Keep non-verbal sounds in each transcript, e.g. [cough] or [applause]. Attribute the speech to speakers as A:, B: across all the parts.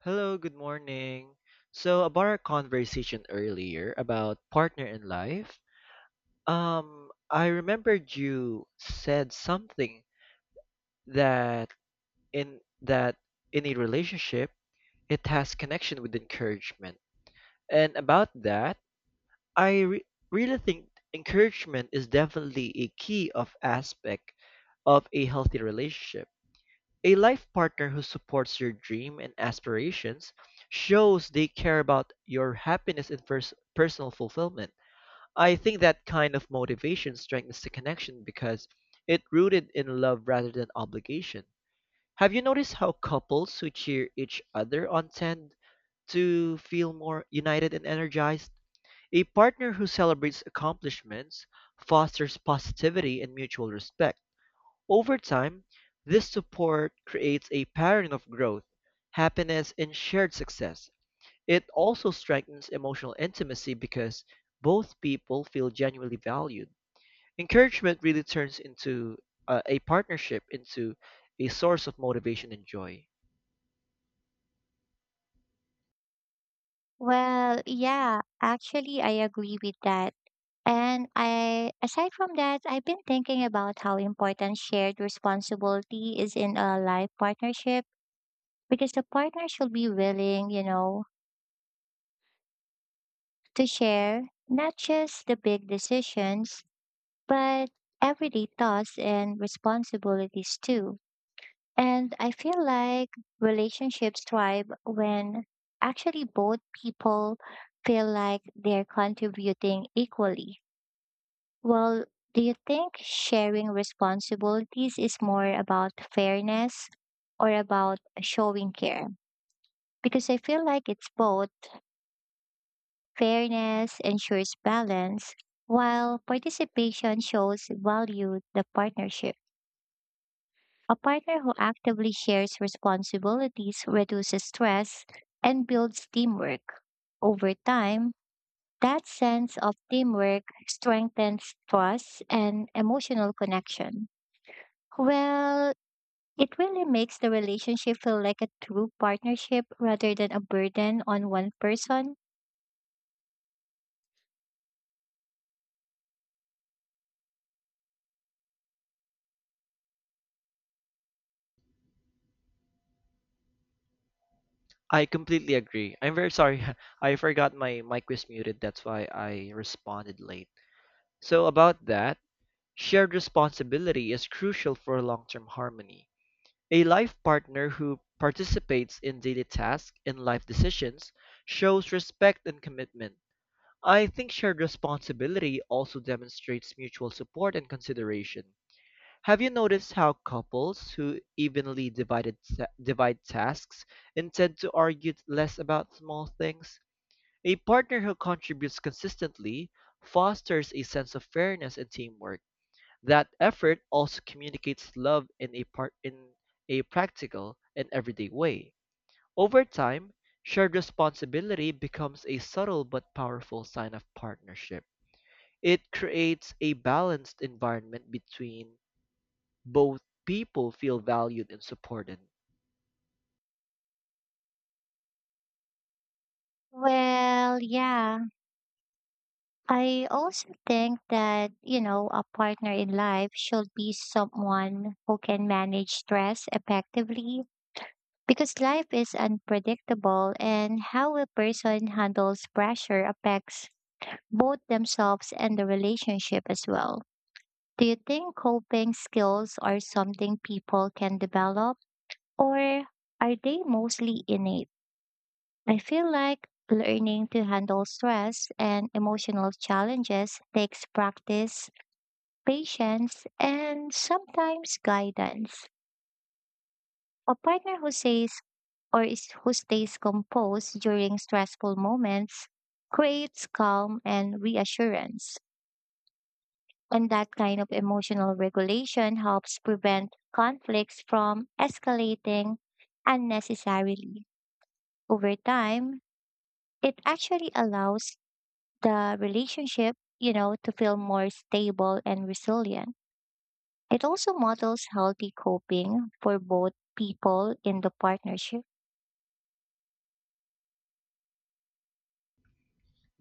A: Hello, good morning. So about our conversation earlier about partner in life, I remembered you said something that in that in a relationship it has connection with encouragement. And about that, I re really think encouragement is definitely a key of aspect of a healthy relationship. A life partner who supports your dream and aspirations shows they care about your happiness and personal fulfillment. I think that kind of motivation strengthens the connection because it rooted in love rather than obligation. Have you noticed how couples who cheer each other on tend to feel more united and energized? A partner who celebrates accomplishments fosters positivity and mutual respect. Over time, this support creates a pattern of growth, happiness, and shared success. It also strengthens emotional intimacy because both people feel genuinely valued. Encouragement really turns into a partnership into a source of motivation and joy.
B: Well, yeah, actually, I agree with that. And I, aside from that, I've been thinking about how important shared responsibility is in a life partnership because the partner should be willing, to share not just the big decisions, but everyday thoughts and responsibilities too. And I feel like relationships thrive when actually both people feel like they're contributing equally. Well, do you think sharing responsibilities is more about fairness or about showing care? Because I feel like it's both. Fairness ensures balance, while participation shows value the partnership. A partner who actively shares responsibilities reduces stress and builds teamwork. Over time, that sense of teamwork strengthens trust and emotional connection. Well, it really makes the relationship feel like a true partnership rather than a burden on one person.
A: I completely agree. I'm very sorry. [laughs] I forgot my mic was muted. That's why I responded late. So, about that, shared responsibility is crucial for long term harmony. A life partner who participates in daily tasks and life decisions shows respect and commitment. I think shared responsibility also demonstrates mutual support and consideration. Have you noticed how couples who evenly divide tasks and tend to argue less about small things? A partner who contributes consistently fosters a sense of fairness and teamwork. That effort also communicates love in a practical and everyday way. Over time, shared responsibility becomes a subtle but powerful sign of partnership. It creates a balanced environment between both people feel valued and supported.
B: Well, yeah. I also think that, a partner in life should be someone who can manage stress effectively because life is unpredictable and how a person handles pressure affects both themselves and the relationship as well. Do you think coping skills are something people can develop? Or are they mostly innate? I feel like learning to handle stress and emotional challenges takes practice, patience, and sometimes guidance. A partner who says or is, who stays composed during stressful moments creates calm and reassurance. And that kind of emotional regulation helps prevent conflicts from escalating unnecessarily. Over time, it actually allows the relationship, to feel more stable and resilient. It also models healthy coping for both people in the partnership.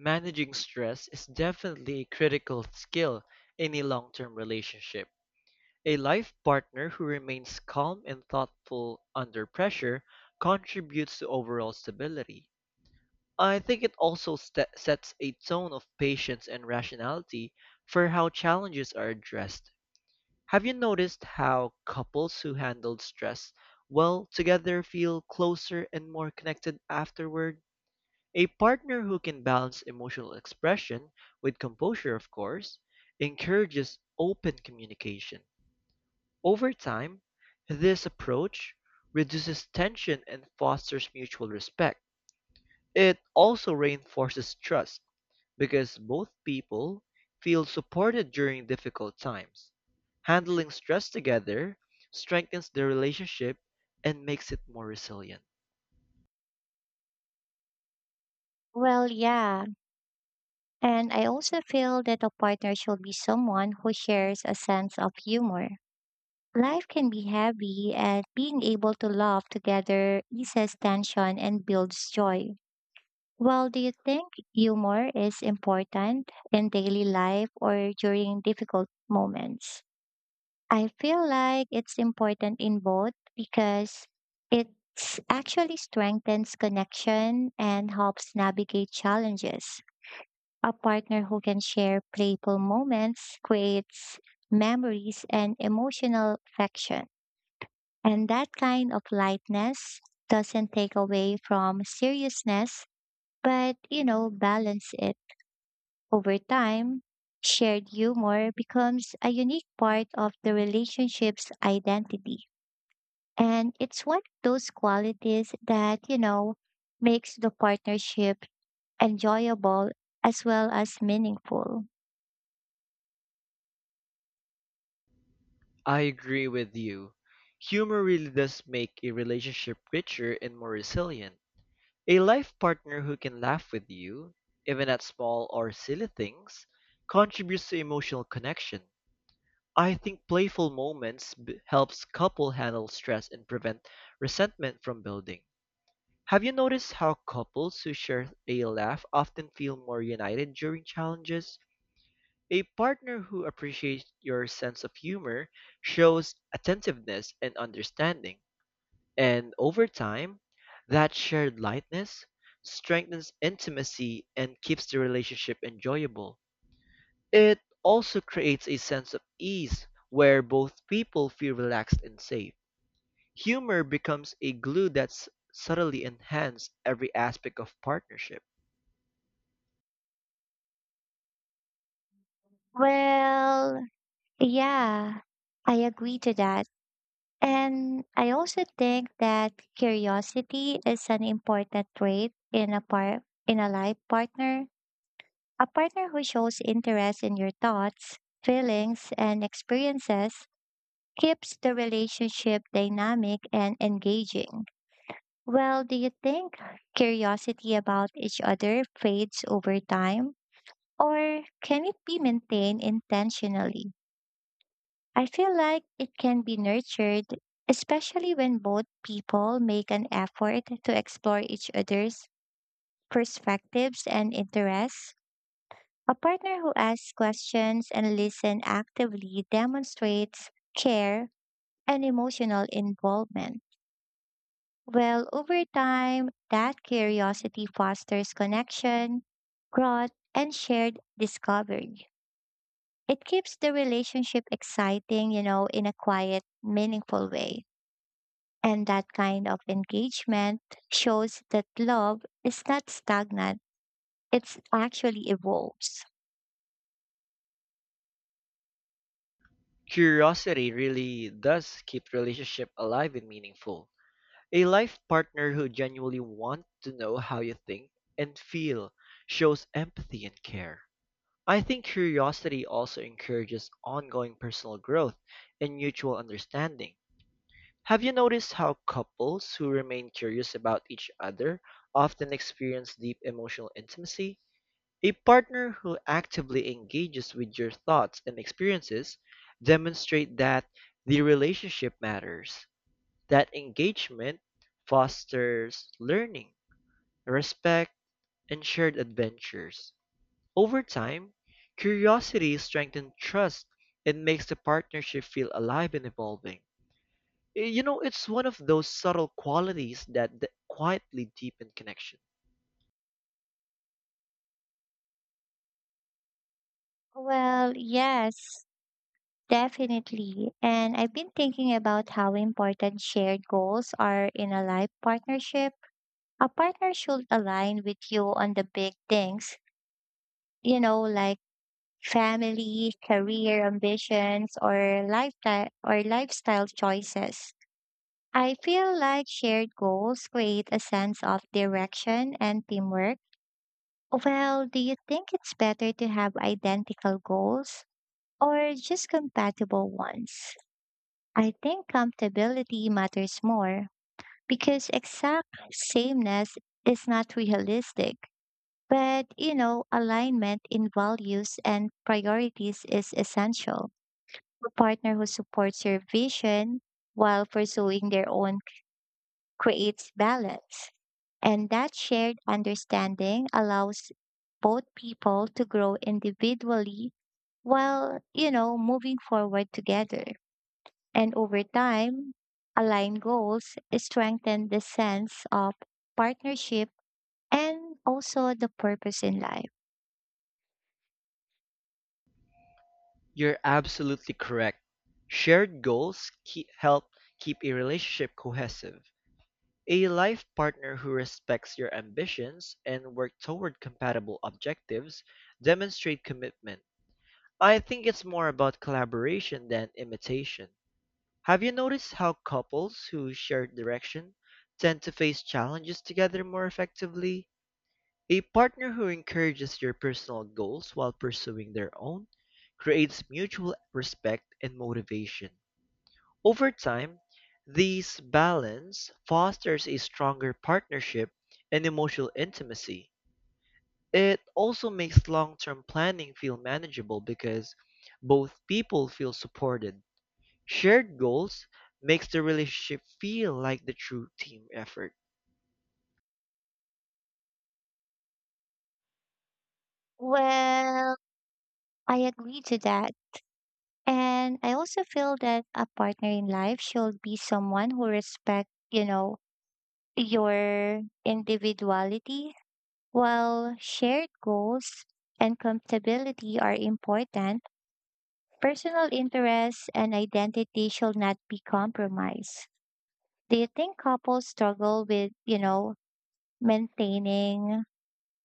A: Managing stress is definitely a critical skill in a long-term relationship. A life partner who remains calm and thoughtful under pressure contributes to overall stability. I think it also sets a tone of patience and rationality for how challenges are addressed. Have you noticed how couples who handled stress well together feel closer and more connected afterward? A partner who can balance emotional expression with composure, of course, encourages open communication. Over time, this approach reduces tension and fosters mutual respect. It also reinforces trust because both people feel supported during difficult times. Handling stress together strengthens the relationship and makes it more resilient.
B: Well, yeah. And I also feel that a partner should be someone who shares a sense of humor. Life can be heavy, and being able to laugh together eases tension and builds joy. Well, do you think humor is important in daily life or during difficult moments? I feel like it's important in both because it actually strengthens connection and helps navigate challenges. A partner who can share playful moments creates memories and emotional affection. And that kind of lightness doesn't take away from seriousness, but, balance it. Over time, shared humor becomes a unique part of the relationship's identity. And it's one of those qualities that, makes the partnership enjoyable as well as meaningful.
A: I agree with you. Humor really does make a relationship richer and more resilient. A life partner who can laugh with you, even at small or silly things, contributes to emotional connection. I think playful moments helps couple handle stress and prevent resentment from building. Have you noticed how couples who share a laugh often feel more united during challenges? A partner who appreciates your sense of humor shows attentiveness and understanding, and over time, that shared lightness strengthens intimacy and keeps the relationship enjoyable. It also creates a sense of ease where both people feel relaxed and safe. Humor becomes a glue that's subtly enhanced every aspect of partnership.
B: Well, yeah, I agree to that. And I also think that curiosity is an important trait in in a life partner. A partner who shows interest in your thoughts, feelings, and experiences keeps the relationship dynamic and engaging. Well, do you think curiosity about each other fades over time, or can it be maintained intentionally? I feel like it can be nurtured, especially when both people make an effort to explore each other's perspectives and interests. A partner who asks questions and listens actively demonstrates care and emotional involvement. Well, over time, that curiosity fosters connection, growth, and shared discovery. It keeps the relationship exciting, in a quiet, meaningful way. And that kind of engagement shows that love is not stagnant, it's actually evolves.
A: Curiosity really does keep relationship alive and meaningful. A life partner who genuinely wants to know how you think and feel shows empathy and care. I think curiosity also encourages ongoing personal growth and mutual understanding. Have you noticed how couples who remain curious about each other often experience deep emotional intimacy? A partner who actively engages with your thoughts and experiences demonstrate that the relationship matters. That engagement fosters learning, respect, and shared adventures. Over time, curiosity strengthens trust and makes the partnership feel alive and evolving. You know, it's one of those subtle qualities that quietly deepen connection.
B: Well, yes, definitely. And I've been thinking about how important shared goals are in a life partnership. A partner should align with you on the big things, like family, career ambitions, or lifestyle choices. I feel like shared goals create a sense of direction and teamwork. Well, do you think it's better to have identical goals or just compatible ones? I think compatibility matters more because exact sameness is not realistic. But, alignment in values and priorities is essential. A partner who supports your vision while pursuing their own creates balance. And that shared understanding allows both people to grow individually while, moving forward together. And over time, aligned goals strengthen the sense of partnership and also the purpose in life.
A: You're absolutely correct. Help keep a relationship cohesive. A life partner who respects your ambitions and work toward compatible objectives demonstrate commitment. I think it's more about collaboration than imitation. Have you noticed how couples who share direction tend to face challenges together more effectively? A partner who encourages your personal goals while pursuing their own creates mutual respect and motivation. Over time, this balance fosters a stronger partnership and emotional intimacy. It also makes long term planning feel manageable because both people feel supported. Shared goals makes the relationship feel like the true team effort.
B: Well, I agree to that. And I also feel that a partner in life should be someone who respects, your individuality. While shared goals and compatibility are important, personal interests and identity should not be compromised. Do you think couples struggle with, maintaining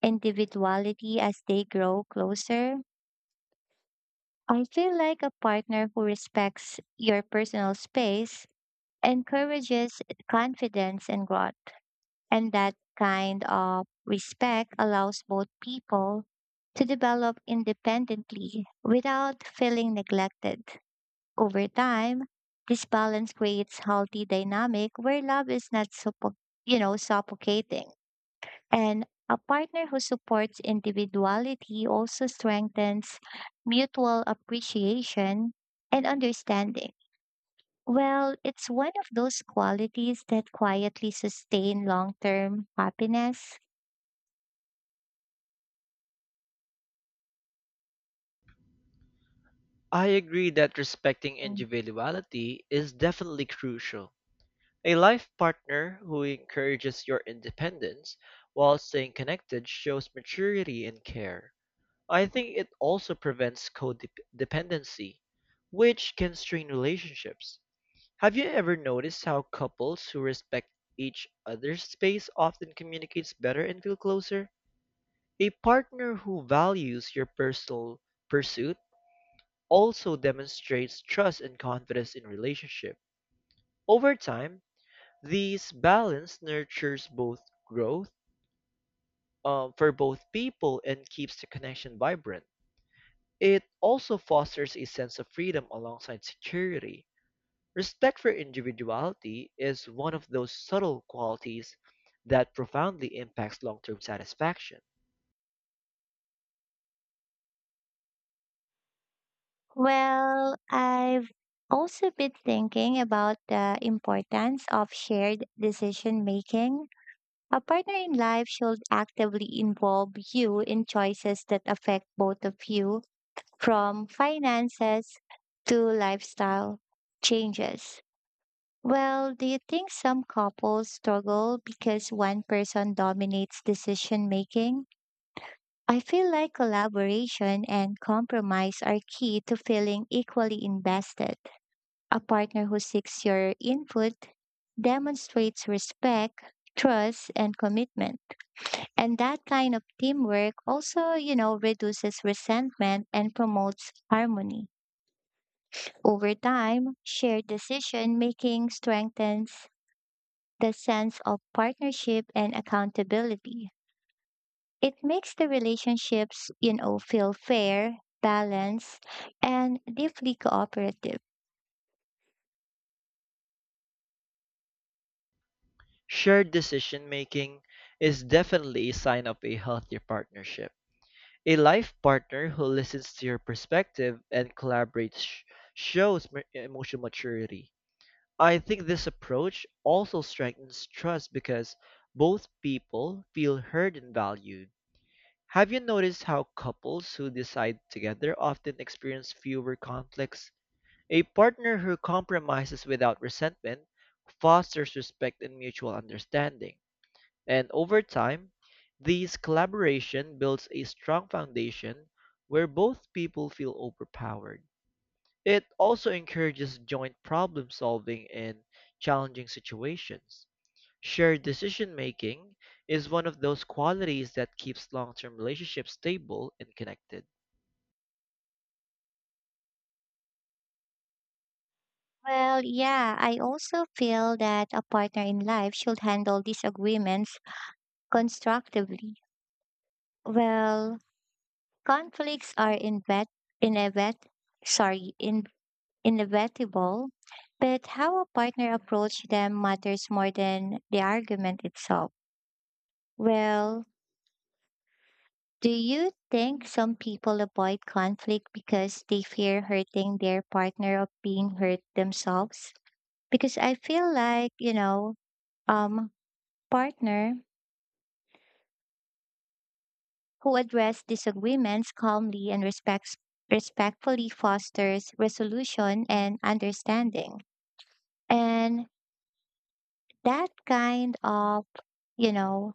B: individuality as they grow closer? I feel like a partner who respects your personal space encourages confidence and growth. And that kind of respect allows both people to develop independently without feeling neglected. Over time, this balance creates healthy dynamic where love is not suffocating. And a partner who supports individuality also strengthens mutual appreciation and understanding. Well, it's one of those qualities that quietly sustain long term happiness.
A: I agree that respecting
B: Mm.
A: individuality is definitely crucial. A life partner who encourages your independence while staying connected shows maturity and care. I think it also prevents codependency, which can strain relationships. Have you ever noticed how couples who respect each other's space often communicates better and feel closer? A partner who values your personal pursuit also demonstrates trust and confidence in relationship. Over time, this balance nurtures both growth for both people and keeps the connection vibrant. It also fosters a sense of freedom alongside security. Respect for individuality is one of those subtle qualities that profoundly impacts long term satisfaction.
B: Well, I've also been thinking about the importance of shared decision making. A partner in life should actively involve you in choices that affect both of you from finances to lifestyle changes. Well, do you think some couples struggle because one person dominates decision making? I feel like collaboration and compromise are key to feeling equally invested. A partner who seeks your input demonstrates respect, trust, and commitment. And that kind of teamwork also, reduces resentment and promotes harmony. Over time, shared decision making strengthens the sense of partnership and accountability. It makes the relationships, feel fair, balanced, and deeply cooperative.
A: Shared decision making is definitely a sign of a healthy partnership. A life partner who listens to your perspective and shows emotional maturity. I think this approach also strengthens trust because both people feel heard and valued. Have you noticed how couples who decide together often experience fewer conflicts? A partner who compromises without resentment fosters respect and mutual understanding. And over time, this collaboration builds a strong foundation where both people feel overpowered. It also encourages joint problem solving in challenging situations. Shared decision making is one of those qualities that keeps long term relationships stable and connected.
B: Well, yeah, I also feel that a partner in life should handle disagreements constructively. Well, conflicts are invet inevit sorry, in inevitable, but how a partner approaches them matters more than the argument itself. Well, do you think some people avoid conflict because they fear hurting their partner or being hurt themselves? Because I feel like, um, partner who address disagreements calmly and respects respectfully fosters resolution and understanding. And that kind of, you know,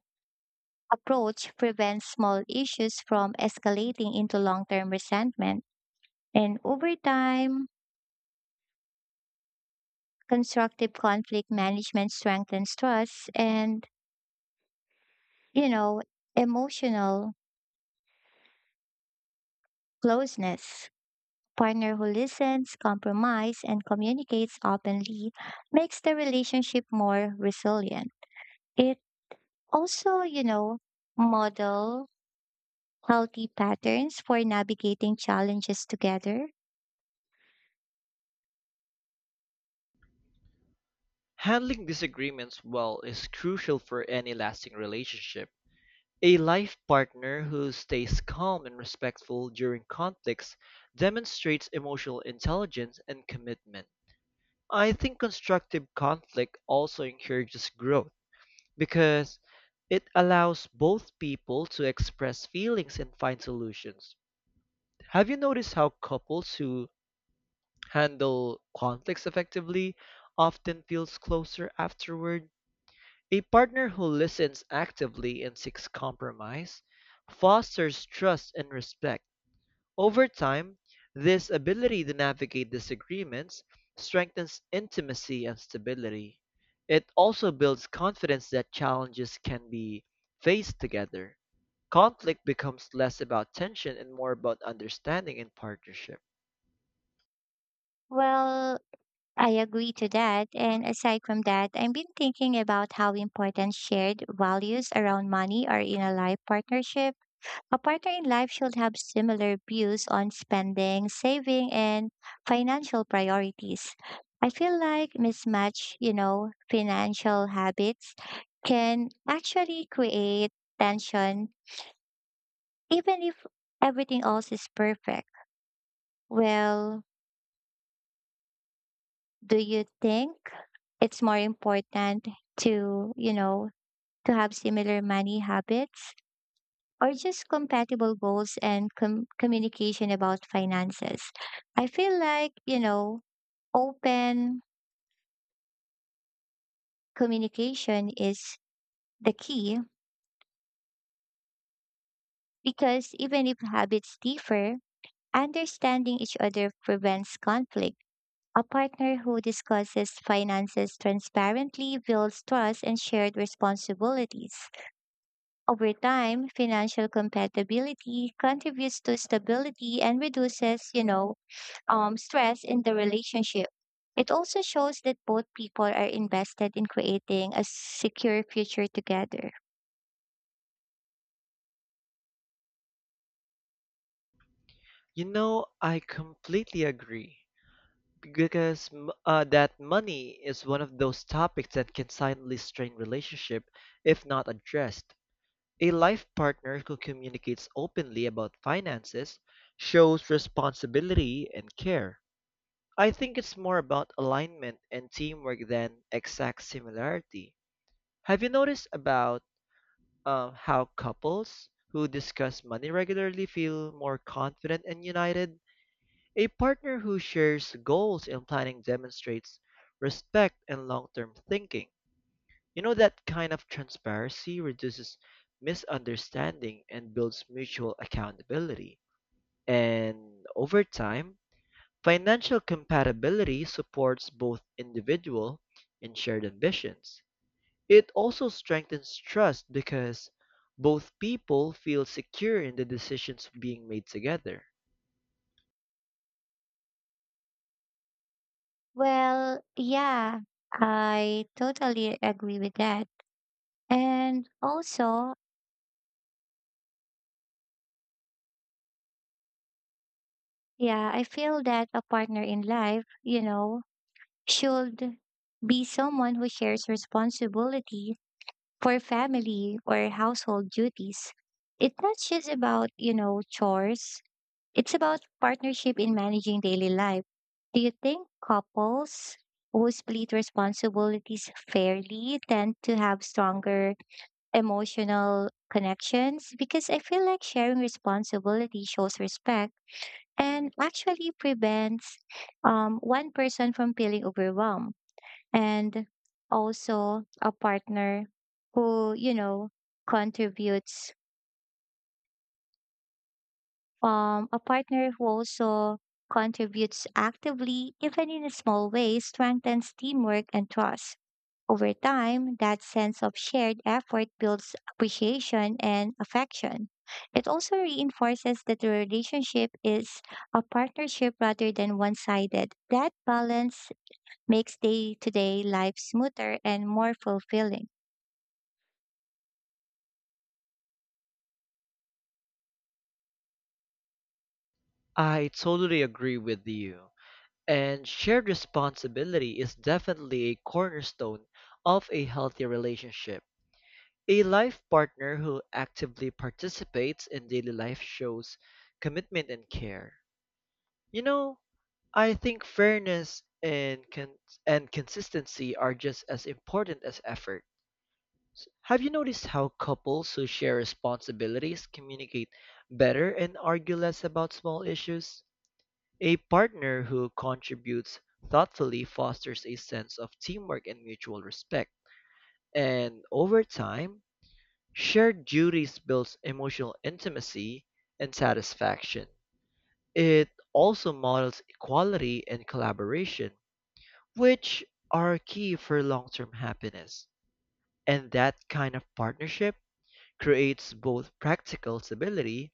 B: approach prevents small issues from escalating into long term resentment. And over time, constructive conflict management strengthens trust and, you know, emotional closeness. Partner who listens, compromise, and communicates openly makes the relationship more resilient. It also, model healthy patterns for navigating challenges together.
A: Handling disagreements well is crucial for any lasting relationship. A life partner who stays calm and respectful during conflicts demonstrates emotional intelligence and commitment. I think constructive conflict also encourages growth, because it allows both people to express feelings and find solutions. Have you noticed how couples who handle conflicts effectively often feels closer afterward? A partner who listens actively and seeks compromise fosters trust and respect. Over time, this ability to navigate disagreements strengthens intimacy and stability. It also builds confidence that challenges can be faced together. Conflict becomes less about tension and more about understanding and partnership.
B: Well, I agree to that. And aside from that, I've been thinking about how important shared values around money are in a life partnership. A partner in life should have similar views on spending, saving, and financial priorities. I feel like mismatch, financial habits can actually create tension even if everything else is perfect. Well, do you think it's more important to, to have similar money habits or just compatible goals and communication about finances? I feel like, open communication is the key because even if habits differ, understanding each other prevents conflict. A partner who discusses finances transparently builds trust and shared responsibilities. Over time, financial compatibility contributes to stability and reduces, stress in the relationship. It also shows that both people are invested in creating a secure future together.
A: You know, I completely agree because that money is one of those topics that can silently strain relationship if not addressed. A life partner who communicates openly about finances shows responsibility and care. I think it's more about alignment and teamwork than exact similarity. Have you noticed about how couples who discuss money regularly feel more confident and united? A partner who shares goals and planning demonstrates respect and long-term thinking. You know, that kind of transparency reduces misunderstanding and builds mutual accountability. And over time, financial compatibility supports both individual and shared ambitions. It also strengthens trust because both people feel secure in the decisions being made together.
B: Well, yeah, I totally agree with that. And also, yeah, I feel that a partner in life, should be someone who shares responsibility for family or household duties. It's not just about, chores. It's about partnership in managing daily life. Do you think couples who split responsibilities fairly tend to have stronger emotional connections? Because I feel like sharing responsibility shows respect and actually prevents one person from feeling overwhelmed, and also who you know contributes a partner who also contributes actively even in a small ways strengthens teamwork and trust. Over time, that sense of shared effort builds appreciation and affection. It also reinforces that the relationship is a partnership rather than one-sided. That balance makes day-to-day life smoother and more fulfilling.
A: I totally agree with you. And shared responsibility is definitely a cornerstone of a healthy relationship. A life partner who actively participates in daily life shows commitment and care. You know, I think fairness and consistency are just as important as effort. Have you noticed how couples who share responsibilities communicate better and argue less about small issues? A partner who contributes thoughtfully fosters a sense of teamwork and mutual respect. And over time, shared duties builds emotional intimacy and satisfaction. It also models equality and collaboration, which are key for long-term happiness. And that kind of partnership creates both practical stability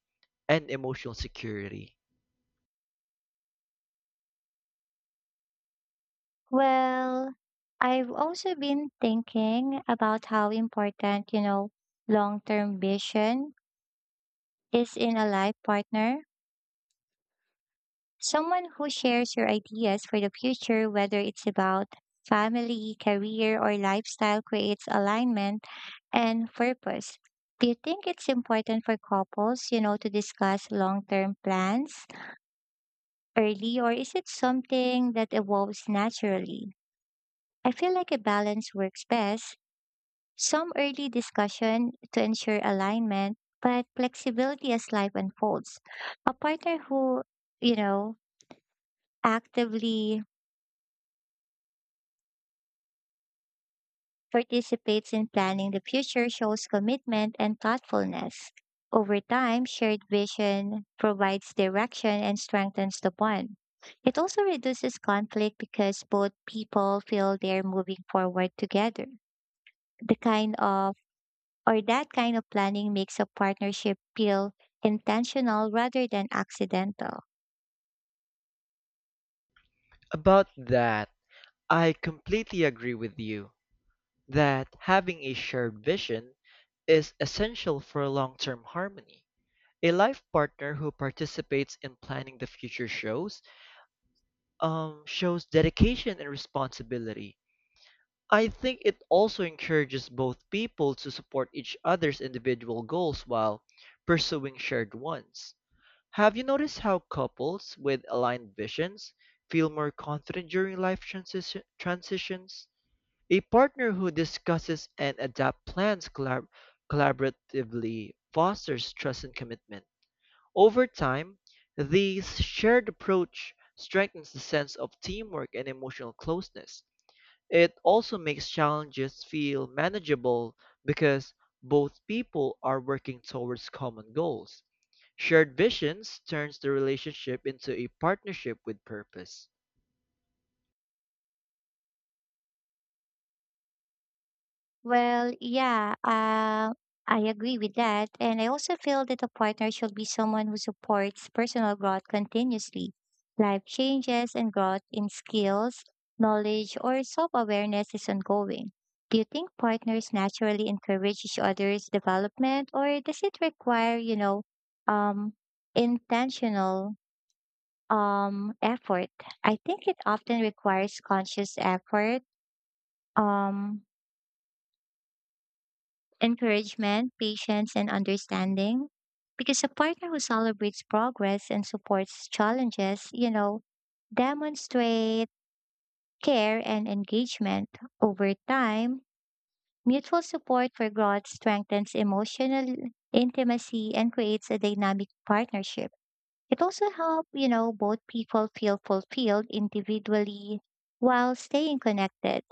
A: and emotional security.
B: Well, I've also been thinking about how important, long term vision is in a life partner. Someone who shares your ideas for the future, whether it's about family, career, or lifestyle, creates alignment and purpose. Do you think it's important for couples, to discuss long term plans early, or is it something that evolves naturally? I feel like a balance works best. Some early discussion to ensure alignment, but flexibility as life unfolds. A partner who, you know, actively participates in planning the future shows commitment and thoughtfulness. Over time, shared vision provides direction and strengthens the bond. It also reduces conflict because both people feel they're moving forward together. The kind of or That kind of planning makes a partnership feel intentional rather than accidental.
A: About that, I completely agree with you that having a shared vision is essential for long term harmony. A life partner who participates in planning the future shows shows dedication and responsibility. I think it also encourages both people to support each other's individual goals while pursuing shared ones. Have you noticed how couples with aligned visions feel more confident during transitions? A partner who discusses and adapts plans collaboratively fosters trust and commitment. Over time, this shared approach strengthens the sense of teamwork and emotional closeness. It also makes challenges feel manageable because both people are working towards common goals. Shared visions turns the relationship into a partnership with purpose.
B: Well, yeah, I agree with that. And I also feel that a partner should be someone who supports personal growth continuously. Life changes and growth in skills, knowledge, or self awareness is ongoing. Do you think partners naturally encourage each other's development, or does it require, um, intentional effort? I think it often requires conscious effort. Um, Encouragement, patience, and understanding. Because a partner who celebrates progress and supports challenges, demonstrate care and engagement over time. Mutual support for growth strengthens emotional intimacy and creates a dynamic partnership. It also helps, both people feel fulfilled individually while staying connected.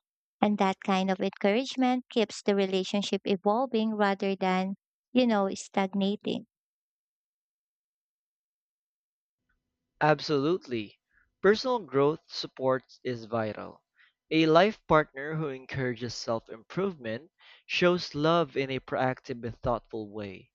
B: And that kind of encouragement keeps the relationship evolving rather than, stagnating.
A: Absolutely. Personal growth support is vital. A life partner who encourages self improvement shows love in a proactive and thoughtful way.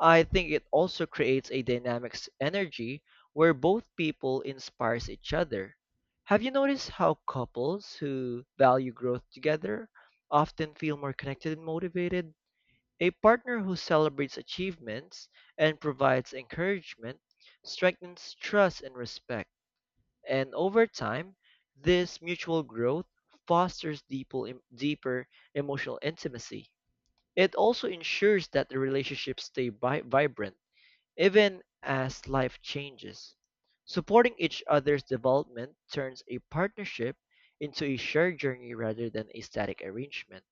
A: I think it also creates a energy where both people inspires each other. Have you noticed how couples who value growth together often feel more connected and motivated? A partner who celebrates achievements and provides encouragement strengthens trust and respect. And over time, this mutual growth fosters deeper emotional intimacy. It also ensures that the relationships stay vibrant even as life changes, supporting each other's development turns a partnership into a shared journey rather than a static arrangement.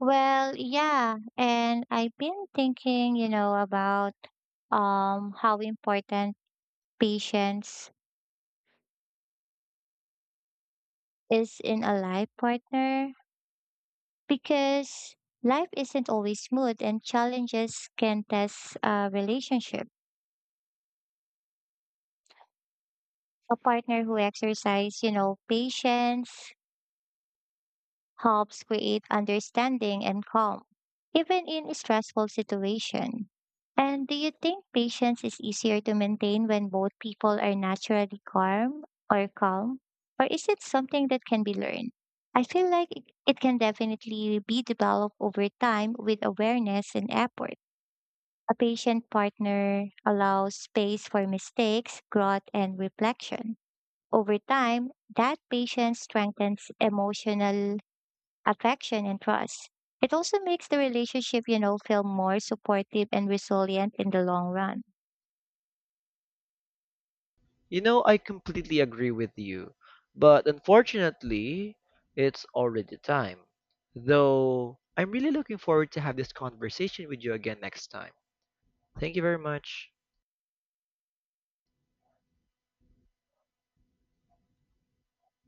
B: Well, yeah. And I've been thinking, about how important patience is in a life partner because life isn't always smooth and challenges can test a relationship. A partner who exercises, patience helps create understanding and calm, even in a stressful situation. And do you think patience is easier to maintain when both people are naturally calm or calm? Or is it something that can be learned? I feel like it can definitely be developed over time with awareness and effort. A patient partner allows space for mistakes, growth, and reflection. Over time, that patience strengthens emotional affection and trust. It also makes the relationship, feel more supportive and resilient in the long run.
A: You know, I completely agree with you, but unfortunately, it's already time. Though, I'm really looking forward to have this conversation with you again next time. Thank you very much.